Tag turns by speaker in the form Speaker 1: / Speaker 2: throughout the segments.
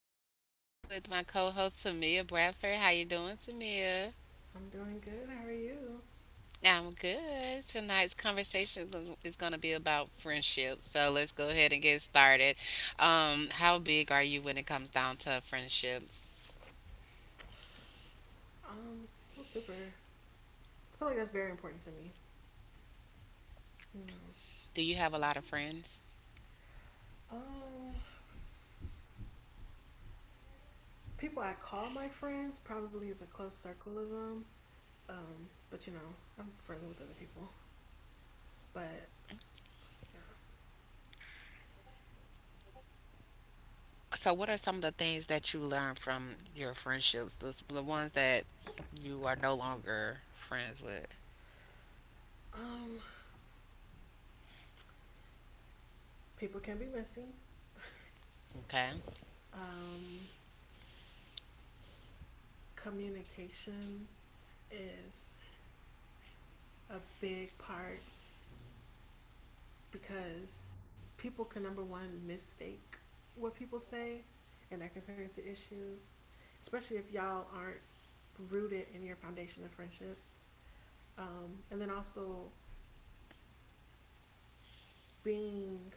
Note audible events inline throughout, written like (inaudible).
Speaker 1: episode with my co-host Tamia Bradford. How you doing, Tamia?
Speaker 2: I'm doing good. How are you?
Speaker 1: I'm good. Tonight's conversation is going to be about friendship. So let's go ahead and get started. How big are you when it comes down to friendships?
Speaker 2: Um, I'm super. I feel like that's very important to me. You know.
Speaker 1: Do you have a lot of friends?
Speaker 2: Um, People I call my friends probably is a close circle of them. But you know, I'm friendly with other people. But yeah.
Speaker 1: So what are some of the things that you learned from your friendships? Those the ones that you are no longer friends with.
Speaker 2: Um, People can be messy. (laughs)
Speaker 1: Okay.
Speaker 2: um, Communication is a big part because people can number one mistake what people say and that can turn into issues, especially if y'all aren't rooted in your foundation of friendship. And then also being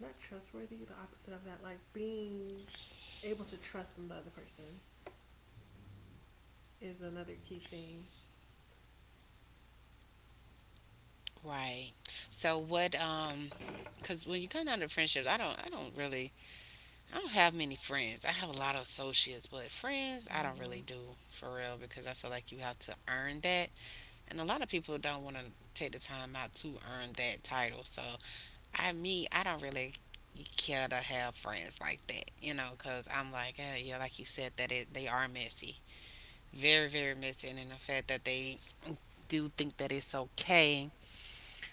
Speaker 2: not trustworthy, the opposite of that, like being able to trust in the other person is another key thing.
Speaker 1: Right. So what cuz when you come down to friendships, I don't really I don't have many friends. I have a lot of associates, but friends I don't
Speaker 2: Mm-hmm.
Speaker 1: really do for real because I feel like you have to earn that. And a lot of people don't want to take the time out to earn that title. So I don't really care to have friends like that, you know, cuz I'm like, eh, yeah, like you said that it, they are messy. Very, very messy and in the fact that they do think that it's okay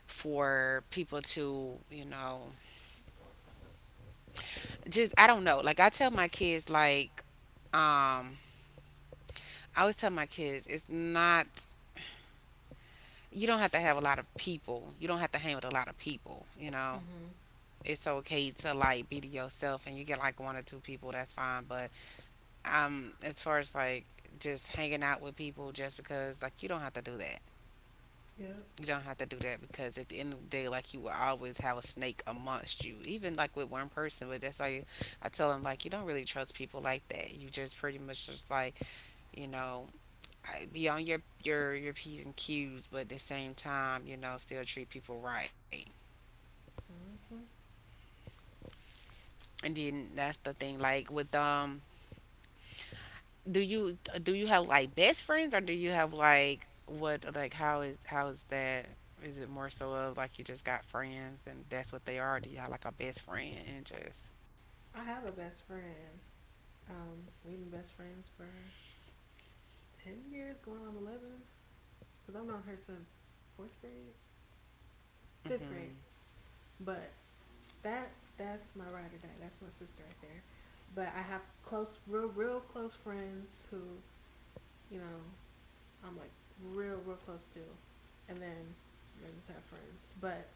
Speaker 1: for people to, you know, just I don't know. Like I tell my kids um I always tell my kids it's not you don't have to have a lot of people. You don't have to hang with a lot of people, you know.
Speaker 2: Mm-hmm.
Speaker 1: It's okay to like be to yourself and you get like one or two people, that's fine. But as far as like just hanging out with people just because like you don't have to do that.
Speaker 2: Yep.
Speaker 1: You don't have to do that because at the end of the day, like you will always have a snake amongst you, even like with one person. But that's why you, I tell them like you don't really trust people like that. You just pretty much just like you know be on your p's and q's, but at the same time you know still treat people right.
Speaker 2: Mm-hmm.
Speaker 1: And then that's the thing like with do you do you have like best friends or do you have like what like how is that is it more so of like you just got friends and that's what they are do you have like a best friend and just
Speaker 2: I have a best friend. We've been best friends for 10 years, going on 11, because I've known her since fourth grade, fifth grade.
Speaker 1: mhm
Speaker 2: But that's my ride or die. That's my sister right there. But I have close, real, real close friends who, you know, I'm like real, real close to. And then I just have friends. But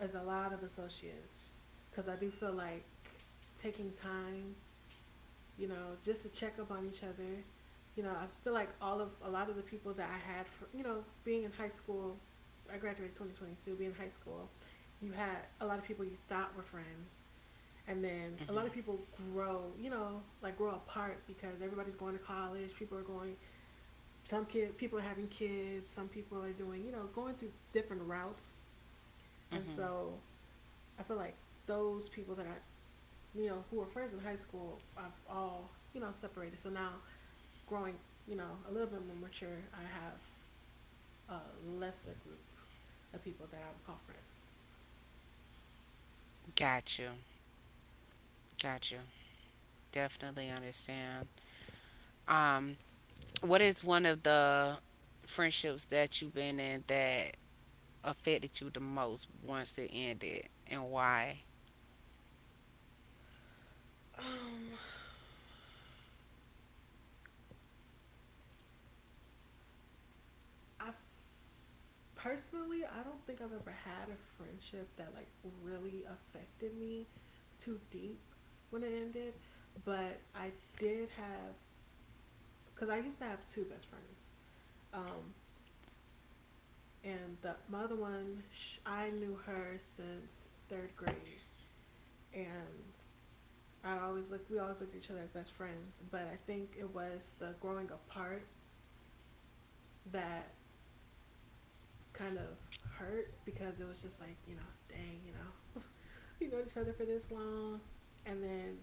Speaker 2: as a lot of associates, because I do feel like taking time, you know, just to check up on each other. You know, I feel like all of a lot of the people that I had, for, you know, being in high school, I graduated 2022. Being in high school, you had a lot of people you thought were friends. And then a lot of
Speaker 1: mhm
Speaker 2: people grow, you know, like grow apart because everybody's going to college. People are going, some kid, people are having kids. Some people are doing, you know, going through different routes. And
Speaker 1: mhm
Speaker 2: so I feel like those people that I, you know, who were friends in high school, I've all, you know, separated. So now growing, you know, a little bit more mature, I have a lesser group of people that I would call friends.
Speaker 1: got you got you, definitely understand um what is one of the friendships that you've been in that affected you the most once it ended and why
Speaker 2: Um, I personally, I don't think I've ever had a friendship that like really affected me too deep when it ended, but I did have, because I used to have two best friends. Um, and the my other one, I knew her since third grade, and I'd always look. We always looked at each other as best friends, but I think it was the growing apart that kind of hurt, because it was just like, you know, dang, you know, (laughs) we known each other for this long, and then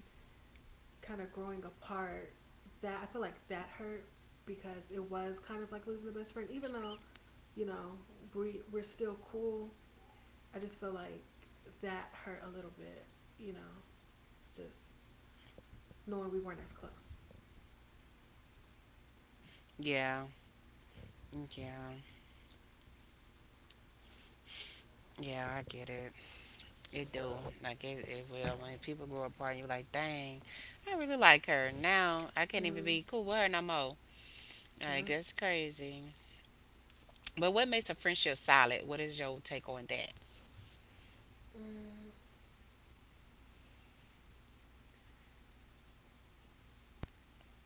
Speaker 2: kind of growing apart. That, I feel like that hurt because it was kind of like losing the best friend, even though, you know, we we're still cool. I just feel like that hurt a little bit, you know, just knowing we weren't as close.
Speaker 1: yeah yeah yeah I get it It do. Like it will. When people grow apart, you're like, dang, I really like her. Now I can't even
Speaker 2: No.
Speaker 1: be cool with her no more.
Speaker 2: Yeah.
Speaker 1: Like that's crazy. But what makes a friendship solid? What is your take on that?
Speaker 2: Mm,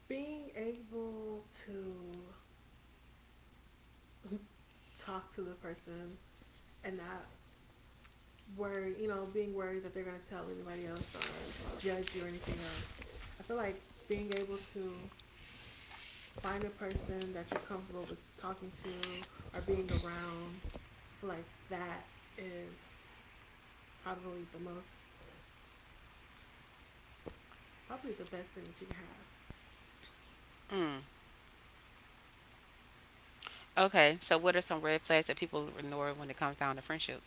Speaker 2: being able to talk to the person and not worry, you know, being worried that they're going to tell anybody else or judge you or anything else. I feel like being able to find a person that you're comfortable with talking to or being around, I feel like that is probably the most, probably the best thing that you can have.
Speaker 1: Mm. Okay. So what are some red flags that people ignore when it comes down to friendship?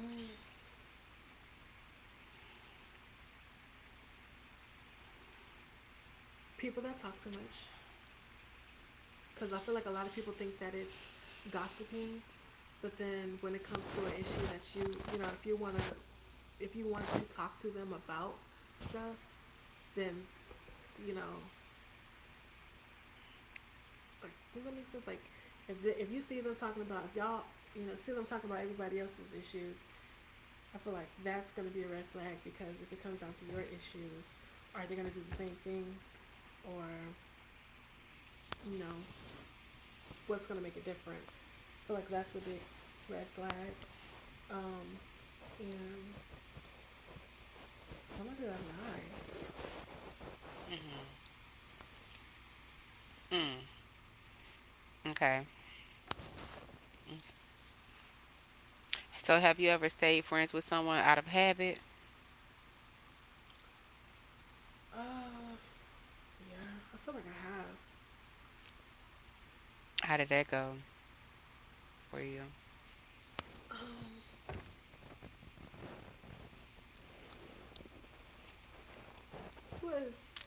Speaker 2: Mm. People that talk too much, because I feel like a lot of people think that it's gossiping. But then when it comes to an issue that you know, if you want to, if you want to talk to them about stuff, then, you know, like, does that make sense? Like, if, the, if you see them talking about, if y'all, you know, see them talking about everybody else's issues, I feel like that's going to be a red flag because if it comes down to your issues, are they going to do the same thing, or, you know, what's going to make it different? I feel like that's a big red flag. um and somebody that lies.
Speaker 1: Mm. Okay. So have you ever stayed friends with someone out of habit?
Speaker 2: Uh, yeah, I feel like I have.
Speaker 1: How did that go for you?
Speaker 2: Um, it was,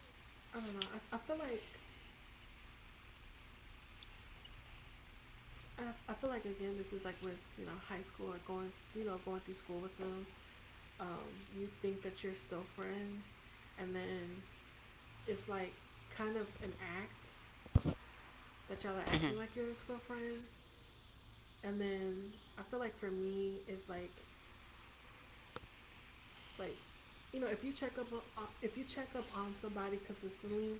Speaker 2: I don't know. I feel like, I feel like again, this is like with, you know, high school or going, you know, going through school with them. You think that you're still friends, and then it's like kind of an act that y'all are
Speaker 1: Mm-hmm.
Speaker 2: acting like you're still friends. And then I feel like for me, it's like, you know, if you check up on if you check up on somebody consistently,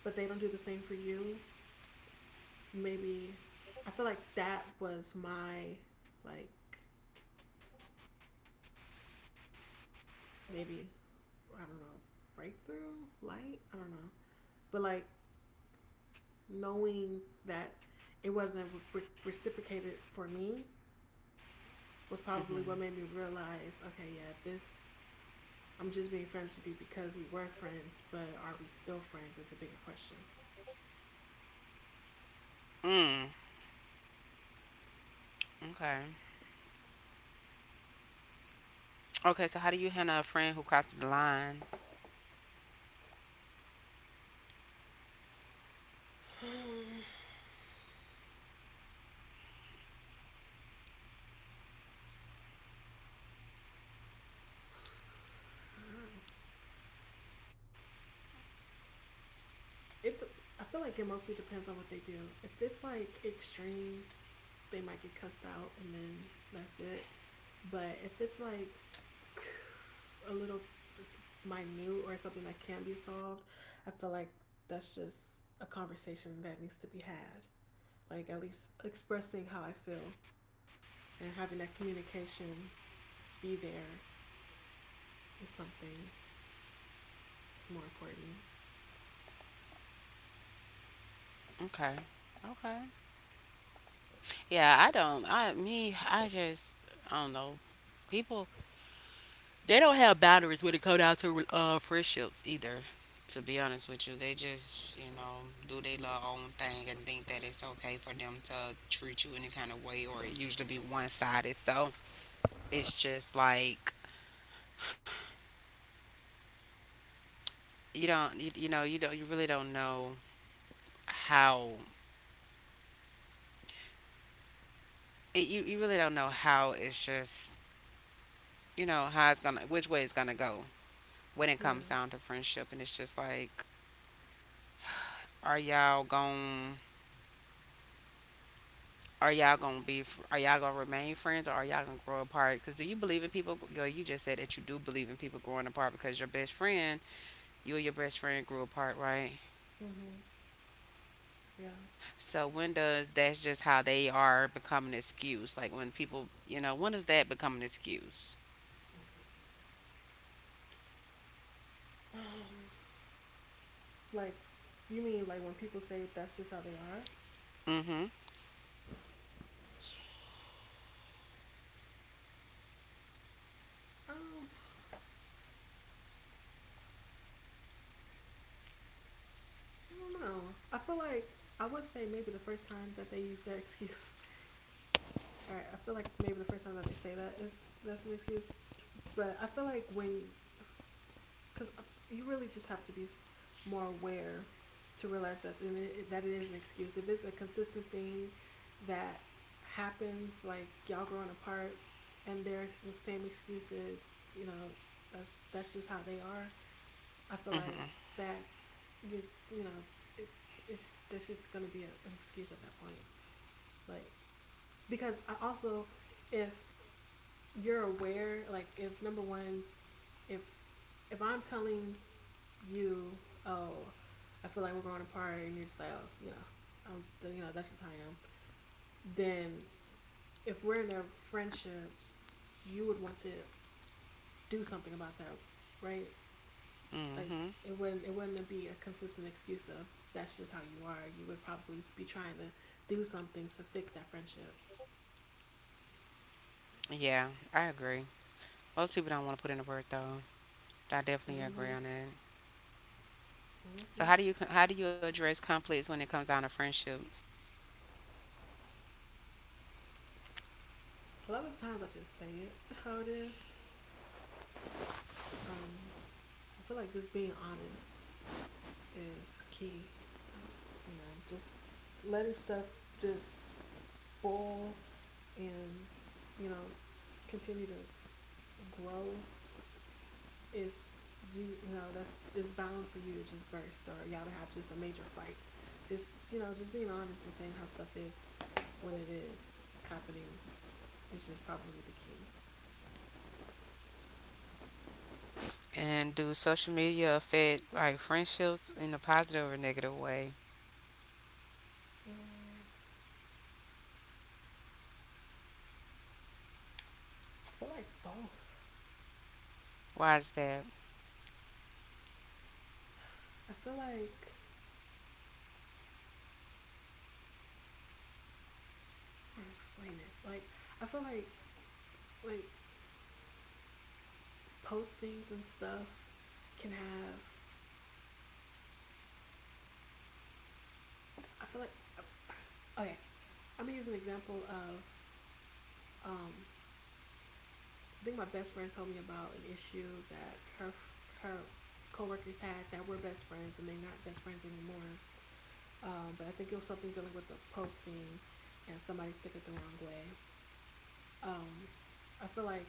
Speaker 2: but they don't do the same for you, maybe, I feel like that was my, like, maybe, I don't know, breakthrough light, I don't know, but like knowing that it wasn't re- reciprocated for me was
Speaker 1: Mm-hmm.
Speaker 2: probably what made me realize, okay, yeah, this, I'm just being friends with you because we were friends, but are we still friends is a bigger question. (sighs)
Speaker 1: Mm. Okay. Okay. So how do you handle a friend who crosses the line?
Speaker 2: It, I feel like it mostly depends on what they do. If it's like extreme, they might get cussed out, and then that's it. But if it's like (sighs) a little, just, minute or something that can be solved, I feel like that's just a conversation that needs to be had. Like at least expressing how I feel and having that communication be there is something that's more important.
Speaker 1: Okay. Okay. Yeah, I don't. I just I don't know. People they don't have boundaries when it comes down to friendships either. To be honest with you, they just you know do their little own thing and think that it's okay for them to treat you any kind of way, or it usually be one sided. So it's just like, you know you really don't know how it, you really don't know how it's just you know how it's gonna which way it's gonna go when it
Speaker 2: Yeah.
Speaker 1: comes down to friendship, and it's just like Are y'all gon' Are y'all gonna remain friends, or are y'all gonna grow apart? Because do you believe in people? Girl, you just said that you do believe in people growing apart because your best friend, you and your best friend grew apart, right?
Speaker 2: Mhm. Yeah. (sighs)
Speaker 1: So when does that's just how they are become an excuse? Like when people, you know, when does that become an excuse?
Speaker 2: Um. Like, you mean like when people say that's just how they are?
Speaker 1: Mm-hmm.
Speaker 2: (sighs) Um I don't know. I feel like I would say maybe the first time that they use that excuse. (laughs) All right, I feel like maybe the first time that they say that is that's an excuse, but I feel like when, because you really just have to be more aware to realize that's in it, that it is an excuse. If it's a consistent thing that happens, like y'all growing apart, and they're the same excuses, you know, that's just how they are. I feel like that's, you you know, it, it's, that's just gonna be a, an excuse at that point. Like, because I also, if you're aware, like if number one, if if I'm telling you, oh, I feel like we're going apart, and you're just like, oh, you know, I'm just, you know, that's just how I am, then if we're in a friendship, you would want to do something about that, right? Like
Speaker 1: Mm-hmm.
Speaker 2: it wouldn't, it wouldn't be a consistent excuse of that's just how you are. You would probably be trying to do something to fix that friendship.
Speaker 1: Yeah, I agree. Most people don't want to put in the work though. I definitely agree
Speaker 2: Mm-hmm.
Speaker 1: on that. So
Speaker 2: Mm-hmm.
Speaker 1: how do you address conflicts when it comes down to friendships?
Speaker 2: A lot of times I just say it how it is. Um, I feel like just being honest is key. Um, you know, just letting stuff just boil and, you know, continue to grow, it's, you know, that's just bound for you to just burst or y'all to have just a major fight. Just, you know, just being honest and saying how stuff is when it is happening is just probably the key.
Speaker 1: And do social media affect like friendships in a positive or negative way?
Speaker 2: Mm, I feel like both.
Speaker 1: Why is that?
Speaker 2: I feel like how to explain it. Like, I feel like postings and stuff can have. I feel like, okay. I'm gonna use an example of um, I think my best friend told me about an issue that her, her coworkers had that were best friends and they're not best friends anymore. But I think it was something dealing with the posting, and somebody took it the wrong way. Um, I feel like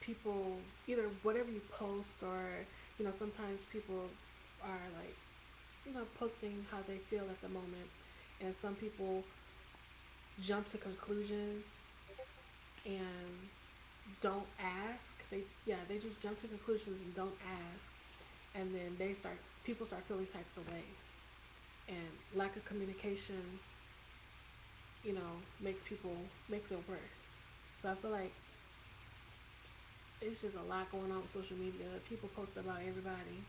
Speaker 2: people, either whatever you post, or, you know, sometimes people are like, you know, posting how they feel at the moment, and some people jump to conclusions and don't ask. They, yeah, they just jump to conclusions and don't ask. And then they start, people start feeling types of ways. And lack of communications, you know, makes people, makes it worse. So I feel like it's just a lot going on with social media. People post about everybody.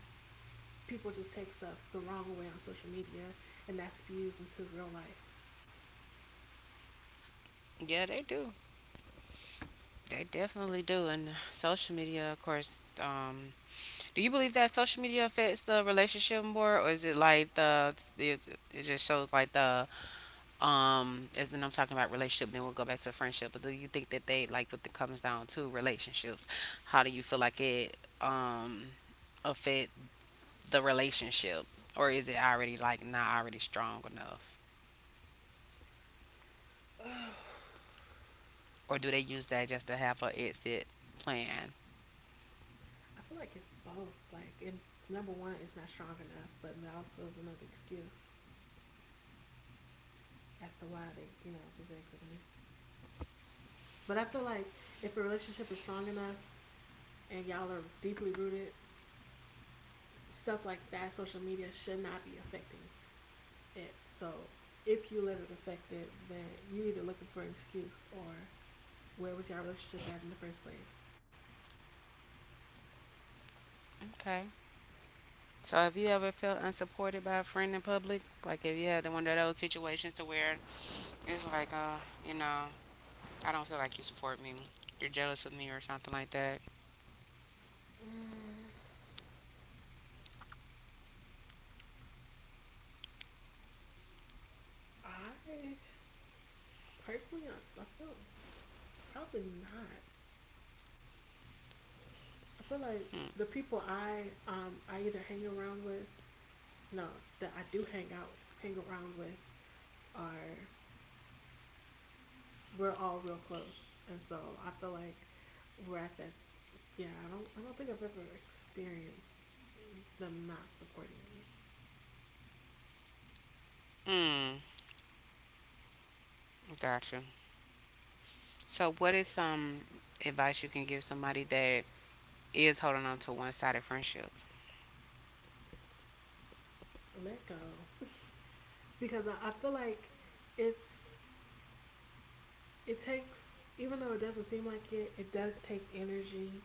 Speaker 2: People just take stuff the wrong way on social media, and that spews into real life.
Speaker 1: Yeah, they do. They definitely do. And social media, of course, do you believe that social media affects the relationship more or is it like it just shows like the as in I'm talking about relationship then we'll go back to friendship, but do you think that they like with the comes down to relationships, how do you feel like it affect the relationship, or is it already like not already strong enough,
Speaker 2: (sighs) Oh.
Speaker 1: or do they use that just to have an exit plan?
Speaker 2: I feel like it's both. Like, and number one, it's not strong enough, but it also is another excuse as to why they, you know, just exiting. But I feel like if a relationship is strong enough and y'all are deeply rooted, stuff like that, social media should not be affecting it. So if you let it affect it, then you're either looking for an excuse, or where was y'all relationship at in the first place?
Speaker 1: Okay. So have you ever felt unsupported by a friend in public? Like if you had one of those situations to where it's like, you know, I don't feel like you support me. You're jealous of me or something like that.
Speaker 2: Mm, I personally, I feel probably not. I feel like the people I either hang around with, no, that I do hang out, hang around with are, we're all real close, and so I feel like we're at that. Yeah, I don't think I've ever experienced them not supporting me.
Speaker 1: Hmm. Gotcha. So what is some advice you can give somebody that is holding on to one-sided friendships?
Speaker 2: Let go, (laughs) because I feel like it's it takes, even though it doesn't seem like it does take energy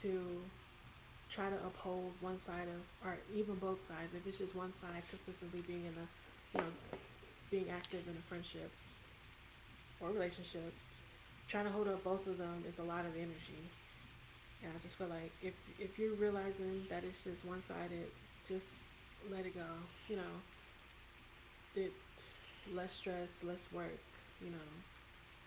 Speaker 2: to try to uphold one side of, or even both sides if it's just one side consistently being in a, you know being active in a friendship or relationship. Trying to hold up both of them is a lot of energy, and I just feel like if you're realizing that it's just one-sided, just let it go, you know. It's less stress, less work, you know,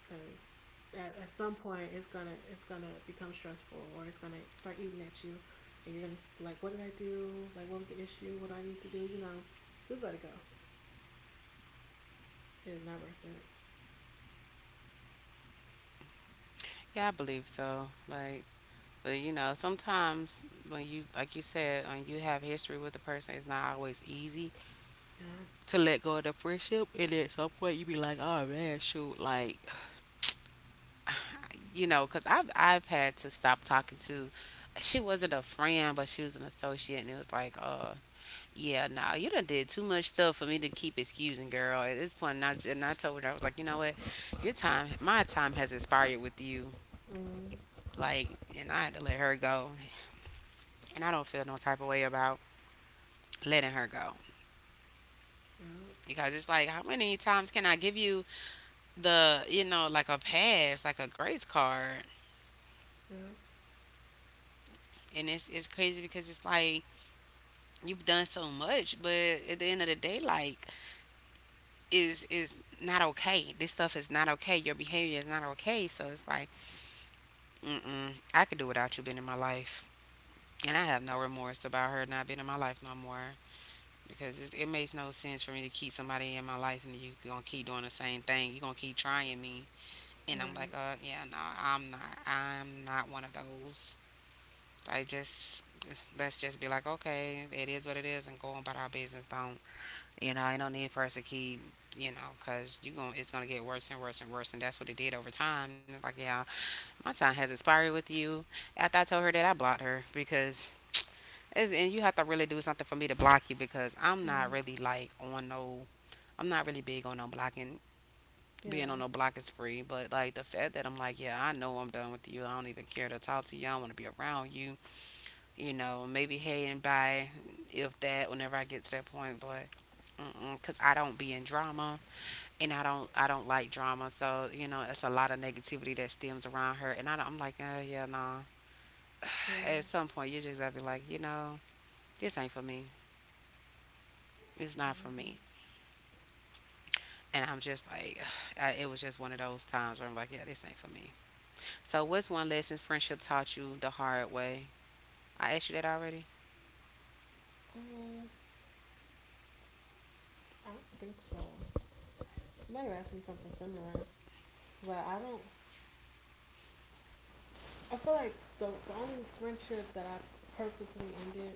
Speaker 2: because at some point it's gonna become stressful, or it's gonna start eating at you, and you're gonna like, what did I do? Like, what was the issue? What do I need to do, you know? Just let it go. It is not worth it.
Speaker 1: Yeah, I believe so. Like But you know, sometimes when you, like you said, when you have history with a person, it's not always easy
Speaker 2: Yeah.
Speaker 1: to let go of the friendship. And at some point, you be like, oh man, shoot, like, you know, because I've had to stop talking to. She wasn't a friend, but she was an associate, and it was like, yeah, nah, you done did too much stuff for me to keep excusing, girl. At this point, and I told her, I was like, you know what, my time has expired with you,
Speaker 2: Mm.
Speaker 1: like, and I had to let her go, and I don't feel no type of way about letting her go.
Speaker 2: Yeah,
Speaker 1: Because it's like how many times can I give you the you know like a pass like a grace card,
Speaker 2: yeah.
Speaker 1: and it's crazy because it's like you've done so much but at the end of the day like is not okay, this stuff is not okay, your behavior is not okay, so it's like mm-mm, I could do without you being in my life, and I have no remorse about her not being in my life no more, because it makes no sense for me to keep somebody in my life and you gonna keep doing the same thing, you gonna keep trying me. And I'm
Speaker 2: Right.
Speaker 1: like, yeah, no, I'm not. I'm not one of those. Let's just be like, okay, it is what it is, and go on about our business. Don't, you know, ain't no need for us to keep, you know, cause you going it's gonna get worse and worse and worse, and that's what it did over time. Like, yeah, my time has expired with you. After I told her that, I blocked her because, it's, and you have to really do something for me to block you because I'm not
Speaker 2: Mm.
Speaker 1: really like on no. I'm not really big on no blocking, being
Speaker 2: Yeah,
Speaker 1: on no block is free. But like the fact that I'm like, yeah, I know I'm done with you. I don't even care to talk to you. I don't want to be around you. You know, maybe hey and bye, if that, whenever I get to that point. But mm cause I don't be in drama, and I don't like drama. So you know, it's a lot of negativity that stems around her. And I don't, I'm like, oh yeah, nah.
Speaker 2: yeah.
Speaker 1: At some point, you just gotta be like, you know, this ain't for me. It's not for
Speaker 2: Hmm.
Speaker 1: me. And I'm just like, (sighs) I, it was just one of those times where I'm like, yeah, this ain't for me. So, what's one lesson friendship taught you the hard way? I asked you that already.
Speaker 2: um I don't think so. You might have asked me something similar. But I don't. I feel like the only friendship that I purposely ended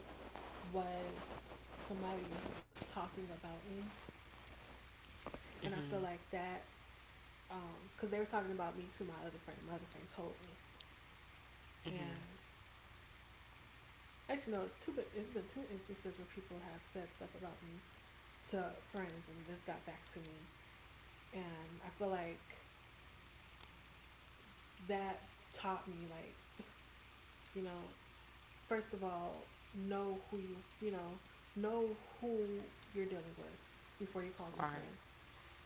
Speaker 2: was, somebody was talking about me, and I
Speaker 1: Mhm.
Speaker 2: feel like that, because they were talking about me to my other friend. My other friend told me, and actually no, it's two. It's been two instances where people have said stuff about me to friends, and this got back to me, and I feel like that taught me, like, you know, first of all, know who you know who you're dealing with before you call them a
Speaker 1: All right.
Speaker 2: friend.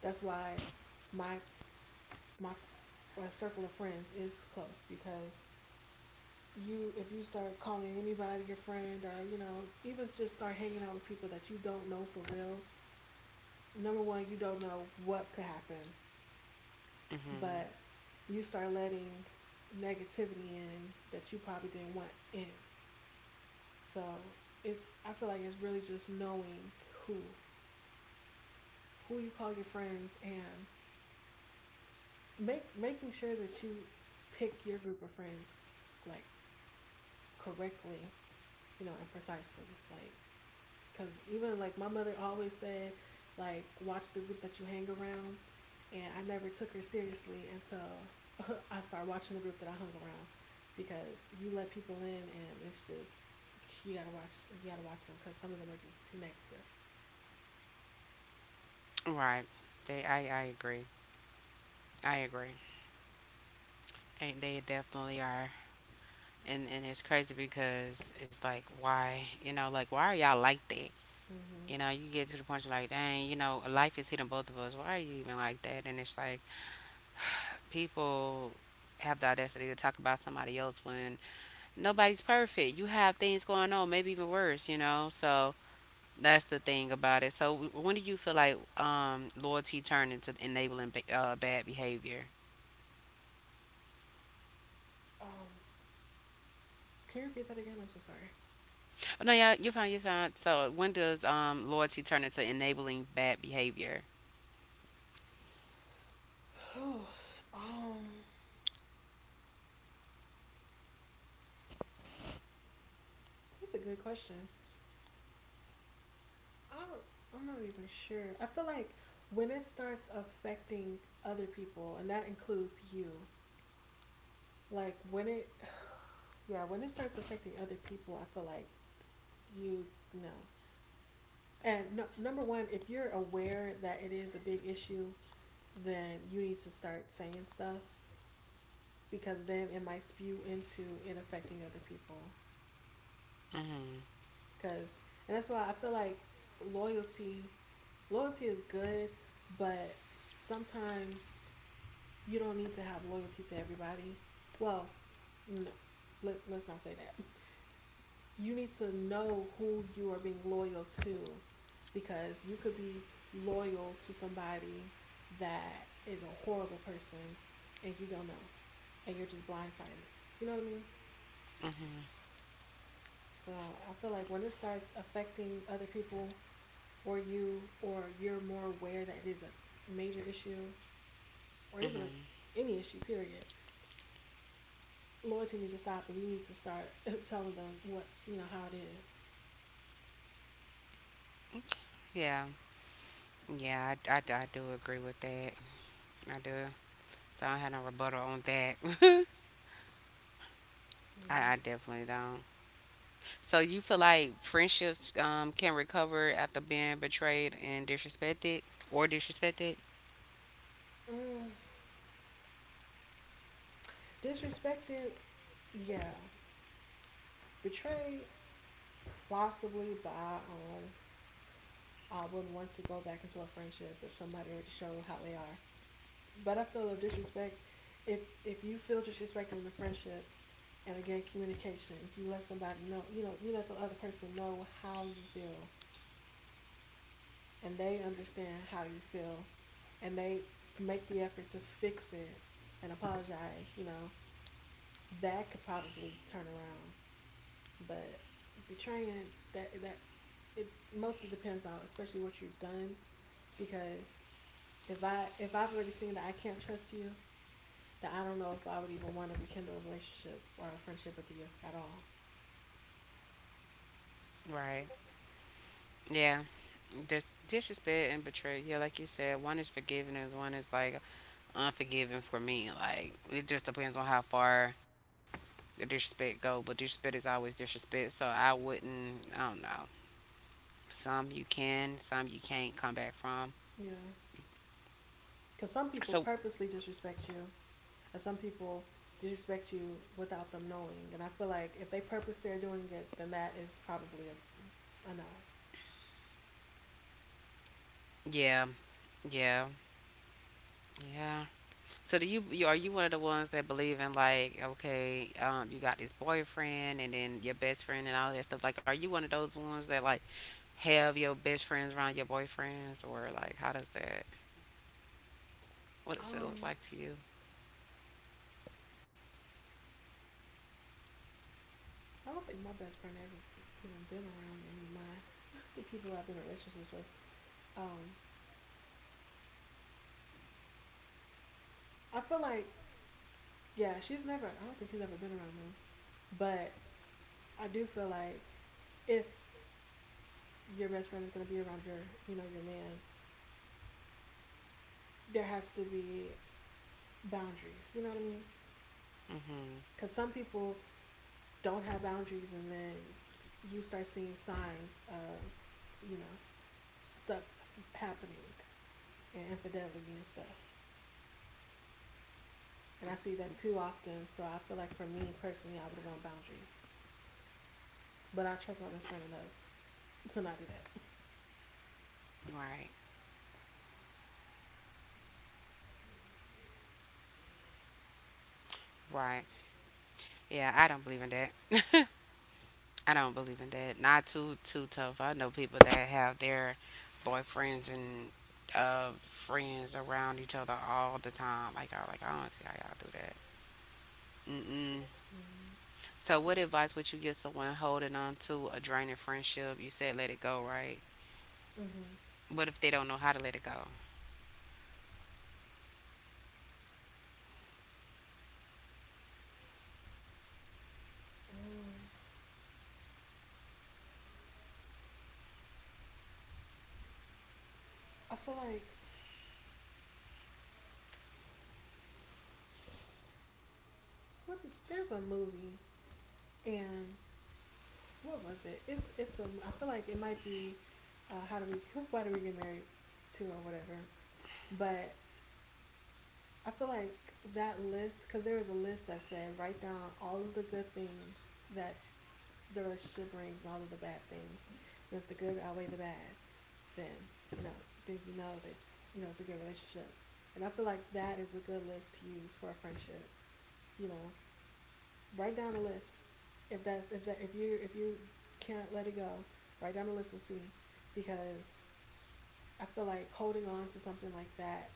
Speaker 2: That's why my my, my circle of friends is close, because you if you start calling anybody your friend, or you know, even just start hanging out with people that you don't know for real, number one, you don't know what could happen,
Speaker 1: Mhm.
Speaker 2: but you start letting negativity in that you probably didn't want in. So it's, I feel like it's really just knowing who you call your friends, and make making sure that you pick your group of friends, like, correctly, you know, and precisely. Like, cause even like my mother always said, like, watch the group that you hang around, and I never took her seriously until (laughs) I started watching the group that I hung around, because you let people in and it's just, you gotta watch, you gotta watch them because some of them are just too negative.
Speaker 1: Right. They. I. I agree. I agree. And they definitely are. And it's crazy because it's like why you know like why are y'all like that?
Speaker 2: Mm-hmm.
Speaker 1: You know you get to the point you're like dang you know life is hitting both of us. Why are you even like that? And it's like people have the audacity to talk about somebody else when nobody's perfect. You have things going on, maybe even worse. You know so That's the thing about it. So, when do you feel like loyalty turned into enabling bad behavior?
Speaker 2: Um, can you repeat that again? I'm so sorry.
Speaker 1: Oh, no, yeah, you're fine, you're fine. So, when does loyalty turn into enabling bad behavior?
Speaker 2: (sighs) Oh, um, that's a good question. I, I'm not even sure. I feel like when it starts affecting other people, and that includes you, like when it, (sighs) yeah, when it starts affecting other people, I feel like you know. And no, number one, if you're aware that it is a big issue, then you need to start saying stuff, because then it might spew into it affecting other people.
Speaker 1: Mm-hmm.
Speaker 2: Because, and that's why I feel like loyalty loyalty is good, but sometimes you don't need to have loyalty to everybody. Well, no, let's not say that. You need to know who you are being loyal to, because you could be loyal to somebody that is a horrible person and you don't know, and you're just blindsided. You know what I mean? So I feel like when it starts affecting other people or you, or you're more aware that it is a major issue, or even a,
Speaker 1: Mm-hmm.
Speaker 2: any issue, period, loyalty needs to stop and you need to start (laughs) telling them what, you know, how it is.
Speaker 1: Yeah. Yeah, I do agree with that. I do. So, I don't have no rebuttal on that. (laughs) I definitely don't. So, you feel like friendships can recover after being betrayed and disrespected or disrespected?
Speaker 2: Mm. Mm. Disrespected, yeah. Betrayed, possibly, but I wouldn't want to go back into a friendship if somebody already showed how they are. But I feel, if disrespect, if you feel disrespected in a friendship, and again, communication, you let somebody know, you let the other person know how you feel, and they understand how you feel, and they make the effort to fix it and apologize, you know, that could probably turn around. But betraying, that it mostly depends on, especially what you've done, because if I, if I've already seen that I can't trust you, that I don't know if I would even want to rekindle a relationship or a friendship with you at all.
Speaker 1: Right. Yeah. There's disrespect and betrayal. Yeah, like you said, one is forgiving and one is like unforgiving for me. Like it just depends on how far the disrespect go, but disrespect is always disrespect. So I wouldn't. I don't know. Some you can, some you can't come back from.
Speaker 2: Yeah. Because some people
Speaker 1: So
Speaker 2: purposely disrespect you, and some people disrespect you without them knowing. And I feel like if they purpose they're doing it, then that is probably a no.
Speaker 1: yeah, yeah, yeah. So you are you one of the ones that believe in like okay, you got this boyfriend and then your best friend and all that stuff? Like, are you one of those ones that like have your best friends around your boyfriends or like how does that? What does it look
Speaker 2: Um,
Speaker 1: like to you?
Speaker 2: I don't think my best friend ever even been around any of my (laughs) the people I've been in relationships with. Um, I feel like, yeah, she's never. I don't think she's ever been around them, but I do feel like if your best friend is gonna be around your, you know, your man, there has to be boundaries. You know what I mean?
Speaker 1: Mm-hmm.
Speaker 2: Because some people don't have boundaries, and then you start seeing signs of, you know, stuff happening and infidelity and stuff. And I see that too often. So I feel like for me personally, I would want boundaries. But I trust my best friend enough to not do that.
Speaker 1: Right. Right. Yeah, I don't believe in that. I don't believe in that. Not too too tough. I know people that have their boyfriends and friends around each other all the time. Like I don't see how y'all do that. Mm mm.
Speaker 2: Mm-hmm.
Speaker 1: So, what advice would you give someone holding on to a draining friendship? You said let it go, right?
Speaker 2: Mm-hmm.
Speaker 1: What if they don't know how to let it go?
Speaker 2: Mm. I feel like, what is there's a movie and what was it? It's a, I feel like it might be, how do we (laughs) why do we get married to, or whatever. But I feel like that list, because there was a list that said write down all of the good things that the relationship brings and all of the bad things. And if the good outweigh the bad, then, you know, then you know that, you know, it's a good relationship. And I feel like that is a good list to use for a friendship. You know, write down a list. If that's, if you, can't let it go, write down a list and see. Because I feel like holding on to something like that,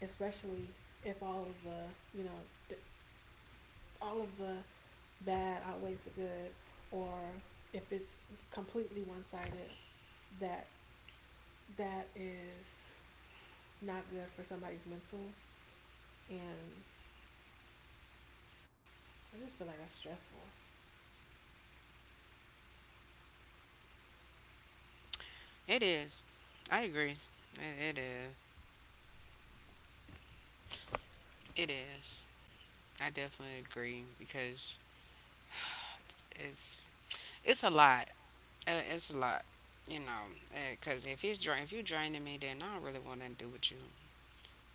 Speaker 2: especially if all of the, the, all of the bad outweighs the good, or if it's completely one sided, that that is not good for somebody's mental, and I just feel like that's stressful.
Speaker 1: It is. I agree. It is. It is. I definitely agree because it's it's a lot. It's a lot. You know, because if you're draining me, then I don't really want nothing to do with you.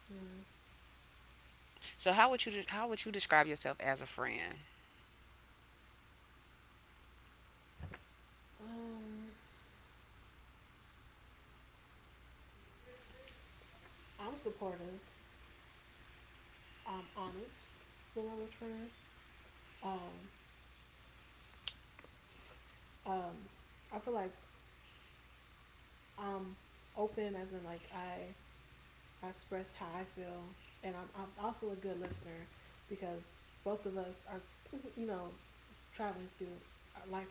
Speaker 2: Yeah.
Speaker 1: So, how would you how would you describe yourself as a friend?
Speaker 2: Um I'm supportive. I'm honest with my best friend. Um um, I feel like I'm open, as in like I express how I feel, and I'm also a good listener, because both of us are (laughs) you know, traveling through our life,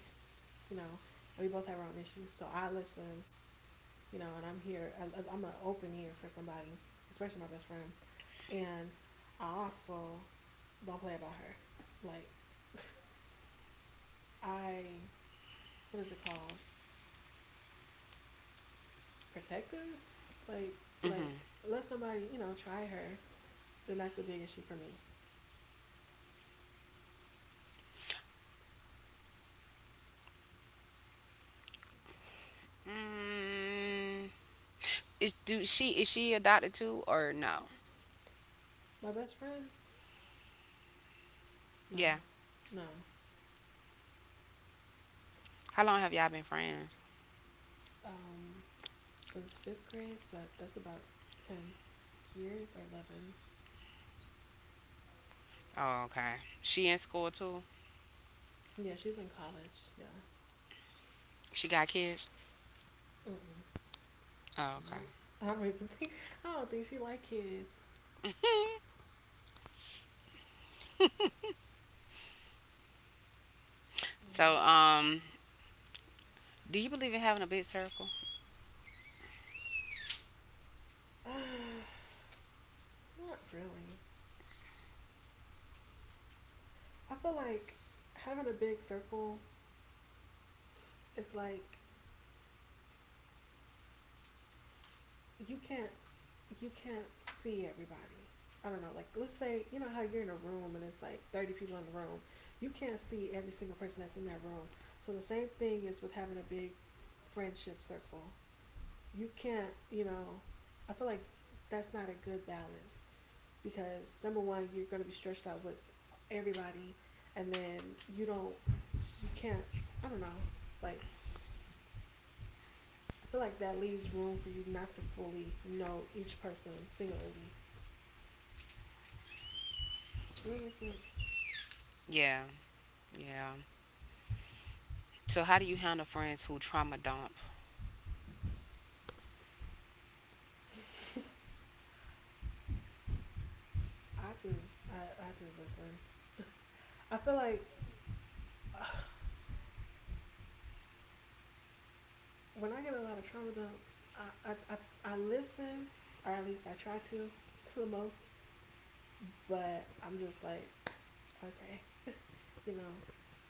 Speaker 2: you know, and we both have our own issues. So I listen, you know, and I'm here. I'm an open ear for somebody, especially my best friend. And I also don't play about her. Like, (laughs) I what is it called? Protective. Like,
Speaker 1: Mm-hmm.
Speaker 2: like let somebody, you know, try her. Then that's a big issue for me.
Speaker 1: Mm, is she adopted too or no?
Speaker 2: My best friend? No,
Speaker 1: Yeah.
Speaker 2: no.
Speaker 1: How long have y'all been friends?
Speaker 2: Um, since fifth grade, so that's about 10 years or 11.
Speaker 1: Oh, okay. She in school too?
Speaker 2: Yeah, she's in college. Yeah.
Speaker 1: She got kids?
Speaker 2: Mm-mm.
Speaker 1: Oh, okay.
Speaker 2: Nope. I don't even (laughs) think. I don't think she like kids.
Speaker 1: So, do you believe in having a big circle?
Speaker 2: (sighs) Uh, not really. I feel like having a big circle is like, you can't, you can't see everybody. I don't know, like let's say, you know how you're in a room and it's like 30 people in the room. You can't see every single person that's in that room. So the same thing is with having a big f- friendship circle. You can't, you know, I feel like that's not a good balance, because number one, you're going to be stretched out with everybody, and then you don't, you can't I don't know, like, I feel like that leaves room for you not to fully know each person singularly. Does that make sense?
Speaker 1: Yeah, yeah. So, how do you handle friends who trauma dump?
Speaker 2: i just i, I just listen. I feel like, (sighs) uh, when I get a lot of trauma dump, I listen, or at least I try to the most, but I'm just like, okay, you know,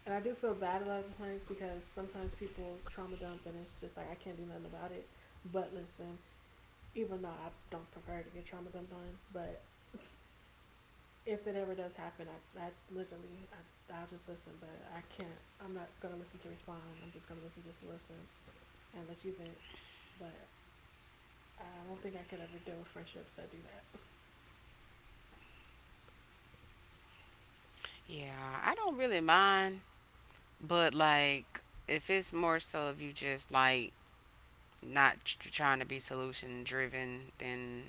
Speaker 2: and I do feel bad a lot of times, because sometimes people trauma dump and it's just like I can't do nothing about it but listen. Even though I don't prefer to get trauma dumped on, but if it ever does happen, I literally, I'll just listen, but I can't, I'm not going to listen to respond. I'm just going to listen, just to listen and let you vent. But I don't think I could ever deal with friendships that do that.
Speaker 1: Yeah, I don't really mind, but like, if it's more so if you just like not tr- trying to be solution driven, then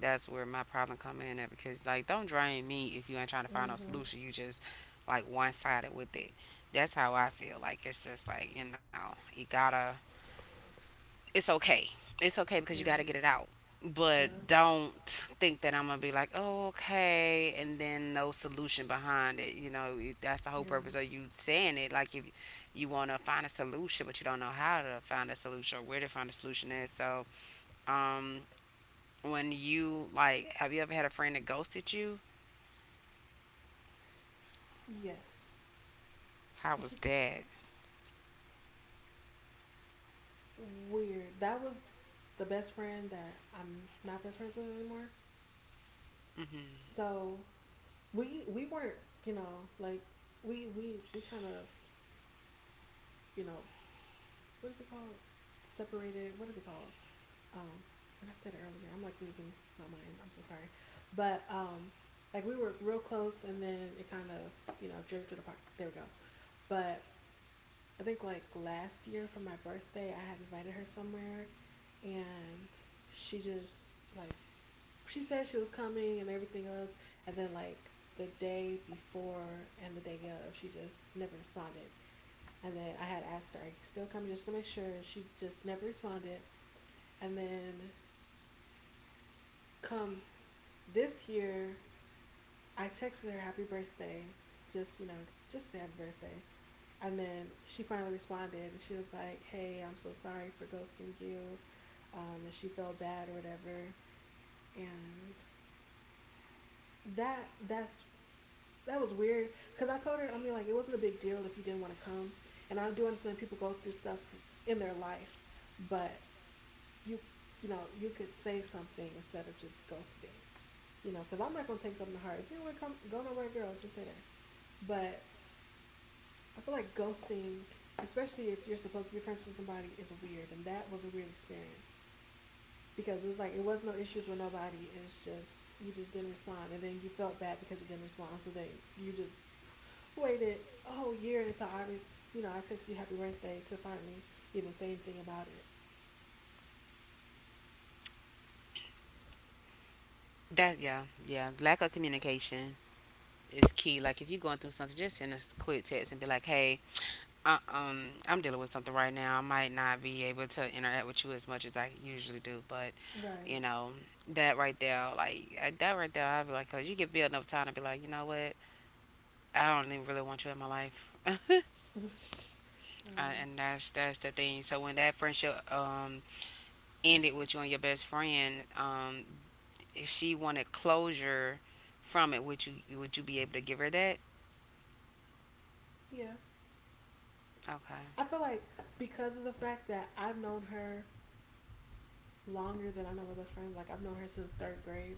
Speaker 1: that's where my problem come in at because like, don't drain me if you ain't trying to find no
Speaker 2: Mm-hmm.
Speaker 1: solution. You just like one sided with it. That's how I feel. Like it's just like you know, you gotta it's okay. It's okay because you got
Speaker 2: Yeah.
Speaker 1: to get it out. But
Speaker 2: Yeah.
Speaker 1: don't think that I'm gonna be like, oh, okay, and then no solution behind it. You know, that's the whole
Speaker 2: Yeah.
Speaker 1: purpose of you saying it. Like if you want to find a solution, but you don't know how to find a solution or where to find a solution at. So, um, when you like, have you ever had a friend that ghosted you?
Speaker 2: Yes.
Speaker 1: How was
Speaker 2: (laughs)
Speaker 1: that?
Speaker 2: Weird. That was the best friend that I'm not best friends with anymore. So we weren't, you know, like, we kind of, you know, what is it called? Separated. What is it called? Um, and I said it earlier. I'm like losing my mind. I'm so sorry. But like we were real close, and then it kind of, you know, drifted apart. There we go. But I think like last year for my birthday, I had invited her somewhere, and she just like she said she was coming and everything else, and then like the day before and the day of, she just never responded. And then I had asked her, "Are you still coming?" just to make sure, and she just never responded. And then come this year, I texted her happy birthday, just you know, just say happy birthday. And then she finally responded and she was like, "Hey, I'm so sorry for ghosting you. And she felt bad or whatever." And that that's that was weird because I told her, I mean, like, it wasn't a big deal if you didn't want to come. And I do understand people go through stuff in their life, but you, you know, you could say something instead of just ghosting, you know, because I'm not going to take something to heart. If you don't want to come, go nowhere, girl, just say that. But I feel like ghosting, especially if you're supposed to be friends with somebody, is weird, and that was a weird experience because it's like it was no issues with nobody. It's just you just didn't respond, and then you felt bad because you didn't respond. So then you just waited a whole year until you know, I texted you happy birthday to finally even say anything about it.
Speaker 1: That yeah, yeah. Lack of communication is key. Like if you're going through something, just send a quick text and be like, hey, Uh, um, I'm dealing with something right now. I might not be able to interact with you as much as I usually do, but
Speaker 2: Right.
Speaker 1: you know that right there, like that right there, I'd be like, cause you give me enough time to be like, you know what, I don't even really want you in my life, (laughs)
Speaker 2: Um,
Speaker 1: and that's the thing. So when that friendship ended with you and your best friend, if she wanted closure from it, would you be able to give her that?
Speaker 2: yeah.
Speaker 1: Okay.
Speaker 2: I feel like because of the fact that I've known her longer than I know my best friend. Like I've known her since third grade.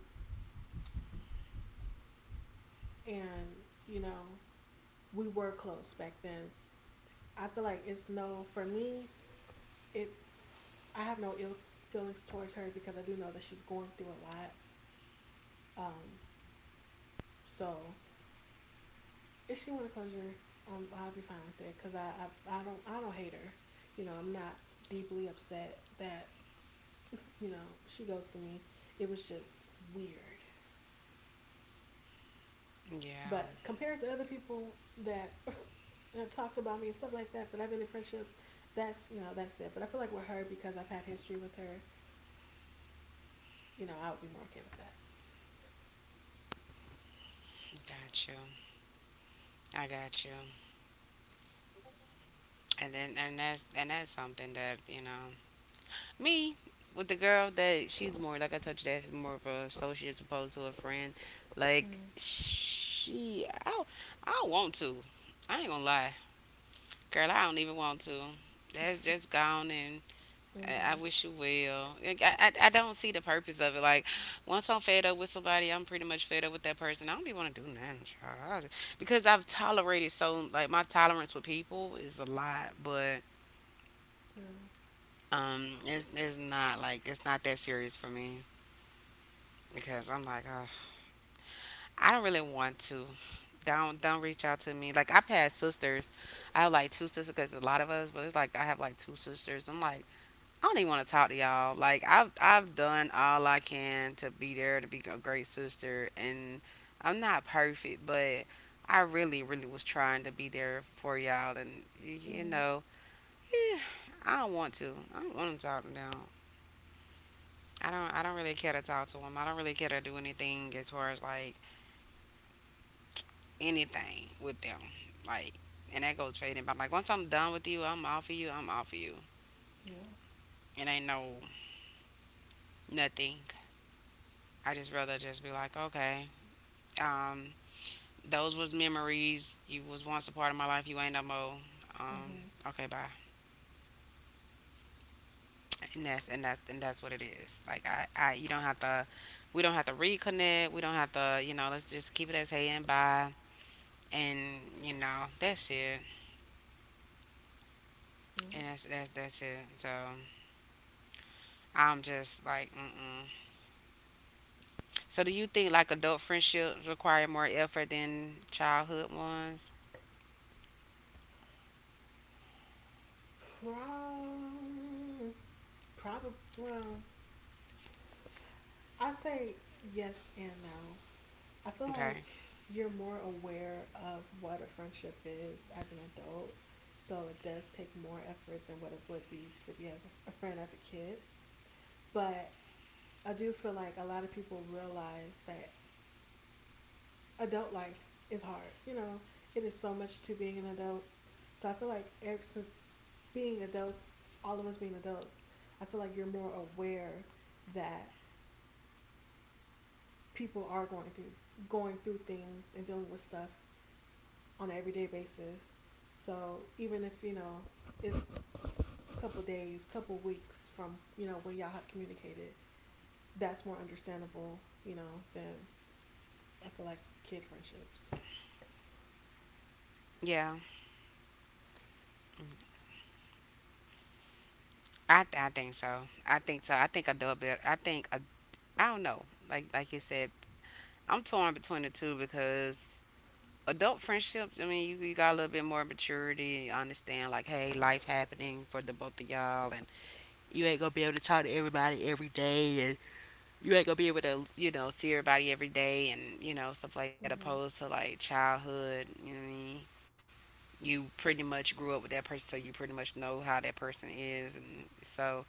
Speaker 2: And you know, we were close back then. I feel like it's no for me. It's I have no ill feelings towards her because I do know that she's going through a lot. Um, so if she want to closure, I'll be fine with it because I don't I don't hate her. You know, I'm not deeply upset that (laughs) you know she goes to me. It was just weird.
Speaker 1: Yeah,
Speaker 2: But compared to other people that (laughs) have talked about me and stuff like that, that I've been in friendships, that's you know that's it. But I feel like with her because I've had history with her, you know, I would be more okay with that.
Speaker 1: got you. I got you. And then and that's something that, you know, me with the girl that she's more like I told you that she's more of a associate opposed to a friend. Like
Speaker 2: Mm.
Speaker 1: she I don't want to. I ain't gonna lie. Girl, I don't even want to. That's just gone and I
Speaker 2: Mm-hmm.
Speaker 1: wish you well. Like, I don't see the purpose of it. Like, once I'm fed up with somebody, I'm pretty much fed up with that person. I don't even want to do nothing, child. Because I've tolerated so, like, my tolerance with people is a lot. But
Speaker 2: Yeah.
Speaker 1: It's not like it's not that serious for me because I'm like, oh, I don't really want to. Don't reach out to me. Like I've had sisters, I have like two sisters because a lot of us, but it's like I have like two sisters. I'm like, I don't even want to talk to y'all. Like I've done all I can to be there to be a great sister, and I'm not perfect, but I really really was trying to be there for y'all, and you
Speaker 2: Mm-hmm.
Speaker 1: know, eh, I don't want to. I don't want to talk to them. I don't really care to talk to them. I don't really care to do anything as far as like anything with them. Like and that goes for anybody. Like once I'm done with you, I'm off of you.
Speaker 2: Yeah.
Speaker 1: It ain't no nothing. I just rather just be like, okay, um, those was memories. You was once a part of my life, you ain't no more. Um,
Speaker 2: Mm-hmm.
Speaker 1: okay, bye. And that's and that's and that's what it is. Like I you don't have to we don't have to reconnect. We don't have to, you know, let's just keep it as hey and bye. And, you know, that's it.
Speaker 2: Yeah.
Speaker 1: And that's it. So I'm just like, mm-mm. So do you think like adult friendships require more effort than childhood ones?
Speaker 2: Prob. Probably. Well, I say yes and no. I feel like
Speaker 1: Okay.
Speaker 2: you're more aware of what a friendship is as an adult. So it does take more effort than what it would be to be as a friend as a kid. But I do feel like a lot of people realize that adult life is hard. You know, it is so much to being an adult. So I feel like ever since being adults, all of us being adults, I feel like you're more aware that people are going through things and dealing with stuff on an everyday basis. So even if you know it's a couple days, couple weeks from you know when y'all have communicated, that's more understandable. You know than I feel like kid friendships.
Speaker 1: Yeah, I think so. I think so. I think adult build. I don't know. Like you said, I'm torn between the two because adult friendships. I mean, you got a little bit more maturity. You understand like, hey, life happening for the both of y'all, and you ain't gonna be able to, you know, see everybody every day and, you know, stuff like that,
Speaker 2: Mm-hmm.
Speaker 1: opposed to like childhood, you know what I mean? You pretty much grew up with that person, so you pretty much know how that person is. And so,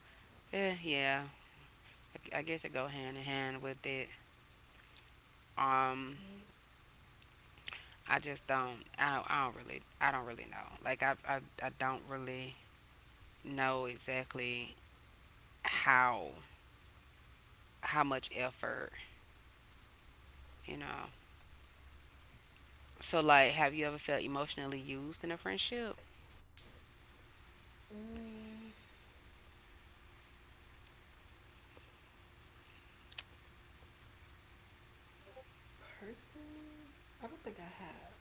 Speaker 1: eh, yeah, I guess it go hand in hand with it. Um, I just don't, I don't really know. Like, I don't really know exactly how, how much effort, you know. So, like, have you ever felt emotionally used in a friendship?
Speaker 2: Mm, personally, I don't think I have.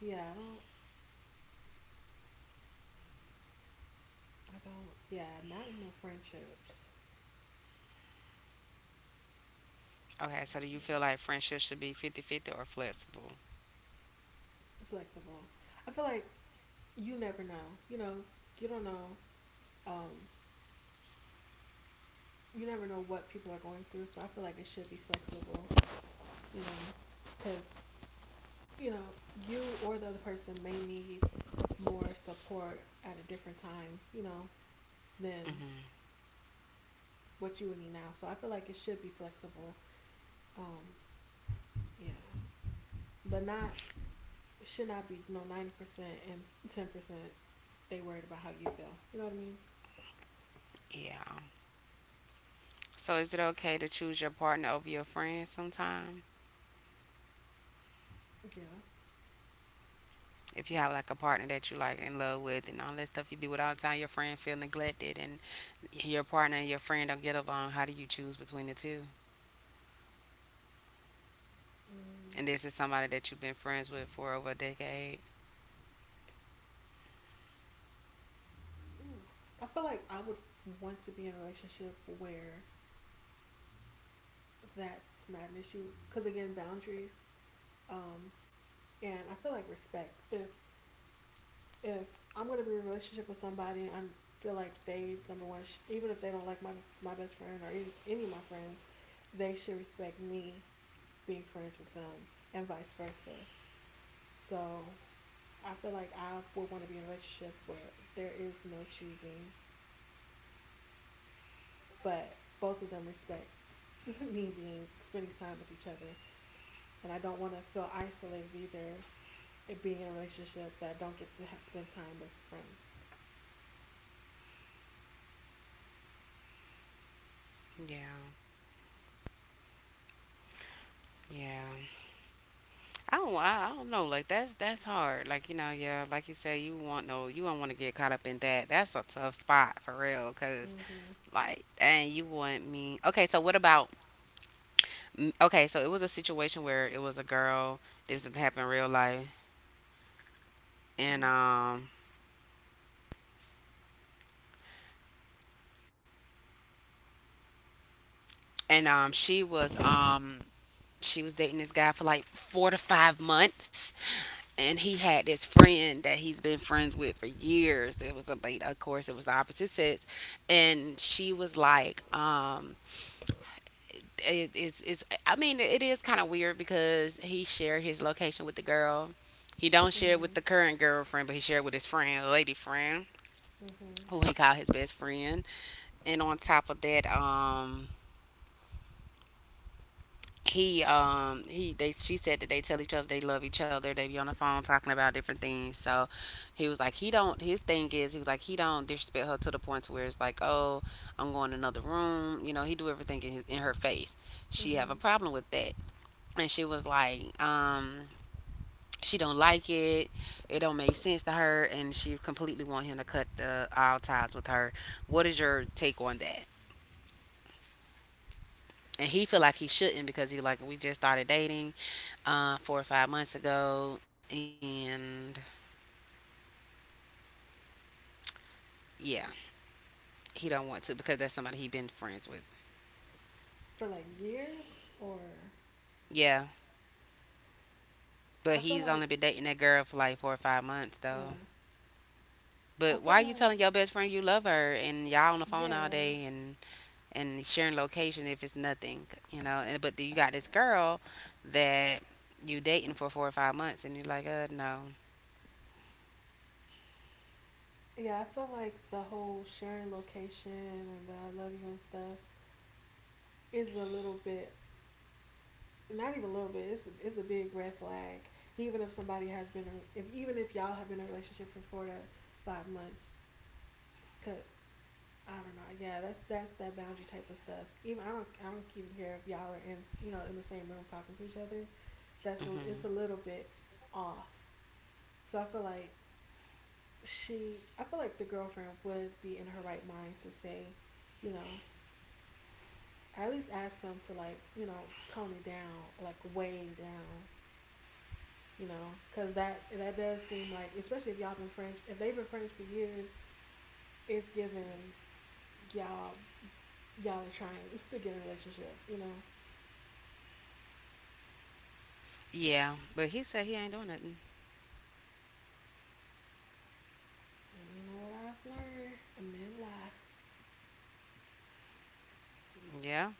Speaker 2: Yeah, I don't. I don't. Yeah, not in no friendships.
Speaker 1: Okay, so do you
Speaker 2: Yeah,
Speaker 1: feel like friendships should be 50-50 or flexible?
Speaker 2: flexible. I feel like you never know. You know, you don't know. Um, you never know what people are going through. So I feel like it should be flexible. You know, because, you know, you or the other person may need more support at a different time, you know, than
Speaker 1: Hmm
Speaker 2: what you would need now. So I feel like it should be flexible. Um, yeah. But not it should not be no 90% and 10% they worried about how you feel. You know what I mean?
Speaker 1: Yeah. So is it okay to choose your partner over your friend sometime?
Speaker 2: Yeah.
Speaker 1: If you have like a partner that you like in love with and all that stuff you be with all the time, your friend feel neglected and your partner and your friend don't get along, how do you choose between the two?
Speaker 2: Mm.
Speaker 1: And this is somebody that you've been friends with for over a decade.
Speaker 2: Ooh. I feel like I would want to be in a relationship where that's not an issue. Cause again, boundaries. Um, and I feel like respect. If I'm gonna be in a relationship with somebody, I feel like they number one, sh- even if they don't like my best friend or any of my friends, they should respect me being friends with them, and vice versa. So I feel like I would want to be in a relationship where there is no choosing, but both of them respect (laughs) me being spending time with each other, and I don't want to feel isolated either. It being in a relationship that I don't get to spend time with friends.
Speaker 1: Yeah. Yeah. I don't know, like that's hard. Like, you know, yeah, like you say you want you don't want to get caught up in that. That's a tough spot for real, 'cause
Speaker 2: Mhm.
Speaker 1: like, and you want me. Okay, so what about. Mm, Okay, so it was a situation where it was a girl. This happened in real life. And,
Speaker 2: Mhm.
Speaker 1: and, um, she was, um, she was dating this guy for like 4 to 5 months. And he had this friend that he's been friends with for years. It was a late, of course, it was the opposite sex. And she was like, it's I mean it is kind of weird because he shared his location with the girl. He don't share it with
Speaker 2: Mhm.
Speaker 1: the current girlfriend, but he shared with his friend, a lady friend,
Speaker 2: Mhm.
Speaker 1: who he called his best friend. And on top of that, he they she said that they tell each other they love each other. They be on the phone talking about different things. So he was like he don't his thing is he was like he don't disrespect her to the point to where it's like oh I'm going to another room. You know he do everything in his, in her face. She
Speaker 2: Mmhmm.
Speaker 1: have a problem with that. And she was like she don't like it don't make sense to her, and she completely want him to cut the all ties with her. What is your take on that? And he feel like he shouldn't because he like we just started dating 4 or 5 months ago and yeah he don't want to because that's somebody he been friends with.
Speaker 2: For like years or
Speaker 1: Yeah, but
Speaker 2: I feel
Speaker 1: he's
Speaker 2: like,
Speaker 1: only been dating that girl for like 4 or 5 months though.
Speaker 2: yeah. I
Speaker 1: But why
Speaker 2: feel
Speaker 1: are you
Speaker 2: like,
Speaker 1: telling your best friend you love her and y'all on the phone all
Speaker 2: yeah.
Speaker 1: day and sharing location if it's nothing, you know. And but you got this girl that you dating for 4 or 5 months, and you're like, no.
Speaker 2: Yeah, I feel like the whole sharing location and the I love you and stuff is a little bit, not even a little bit, it's a big red flag. Even if somebody has been, if even if y'all have been in a relationship for 4 to 5 months, cause I don't know. Yeah, that's that boundary type of stuff. Even I don't even care if y'all are in you know in the same room talking to each other. That's it's
Speaker 1: hmm
Speaker 2: a little bit off. So I feel like she I feel like the girlfriend would be in her right mind to say, you know, or at least ask them to like, you know, tone it down, like way down, you know, because that does seem like, especially if y'all been friends, if they've been friends for years, it's given y'all y'all are trying (laughs) to get a relationship, you know.
Speaker 1: yeah, but he said he ain't doing nothing.
Speaker 2: You know what I've learned? Men lie.
Speaker 1: Yeah,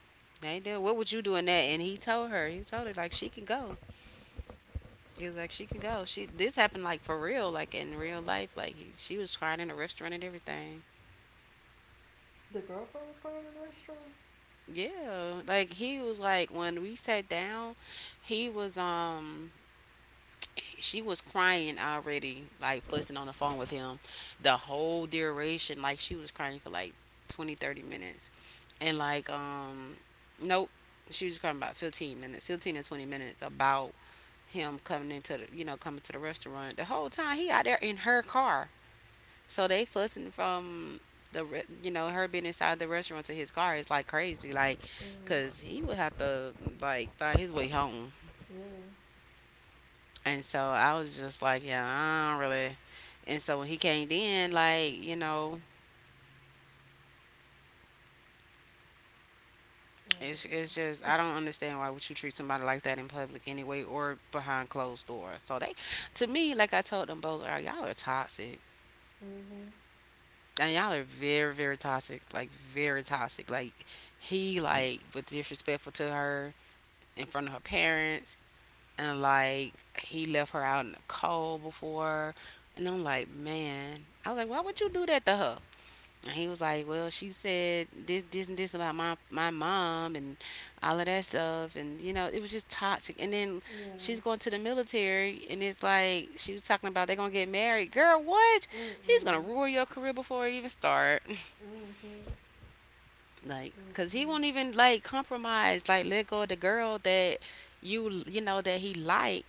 Speaker 1: they do. What would you do in that? And he told her like she can go. He was like she can go. She this happened like for real, like in real life. Like she was crying in a restaurant and everything.
Speaker 2: The girlfriend was crying in the restroom.
Speaker 1: Yeah, like he was like when we sat down, he was she was crying already, like fussing on the phone with him the whole duration. Like she was crying for like 20, 30 minutes. And like, nope, she was crying about 15 minutes, 15 to 20 minutes about him coming into coming to the restaurant. The whole time he out there in her car. So they fussing from the, re- you know, her being inside the restaurant to his car is like crazy. Like,
Speaker 2: Mhm.
Speaker 1: cause he would have to like find his way home.
Speaker 2: Yeah.
Speaker 1: And so I was just like, yeah, I don't really. And so when he came in, like, you know, it's just
Speaker 2: Mm-mm.
Speaker 1: I
Speaker 2: (laughs)
Speaker 1: don't understand why would you treat somebody like that in public anyway or behind closed doors. So they, to me, like I told them both, like, y'all are toxic.
Speaker 2: Mhm.
Speaker 1: And y'all are very, very toxic. Like very toxic. Like he like was disrespectful to her in front of her parents and like he left her out in the cold before. And I'm like, man, I was like, why would you do that to her? And he was like, "Well, she said this, this, and this about my mom and all of that stuff." And you know, it was just toxic. And then she's
Speaker 2: Yeah.
Speaker 1: going to the military, and it's like she was talking about they're gonna get married. Girl, what? He's gonna
Speaker 2: Mm-mm.
Speaker 1: ruin your career before it even start.
Speaker 2: Mhm.
Speaker 1: Like, cause he
Speaker 2: Mm-mm.
Speaker 1: won't even like compromise, like let go of the girl that you know that he like,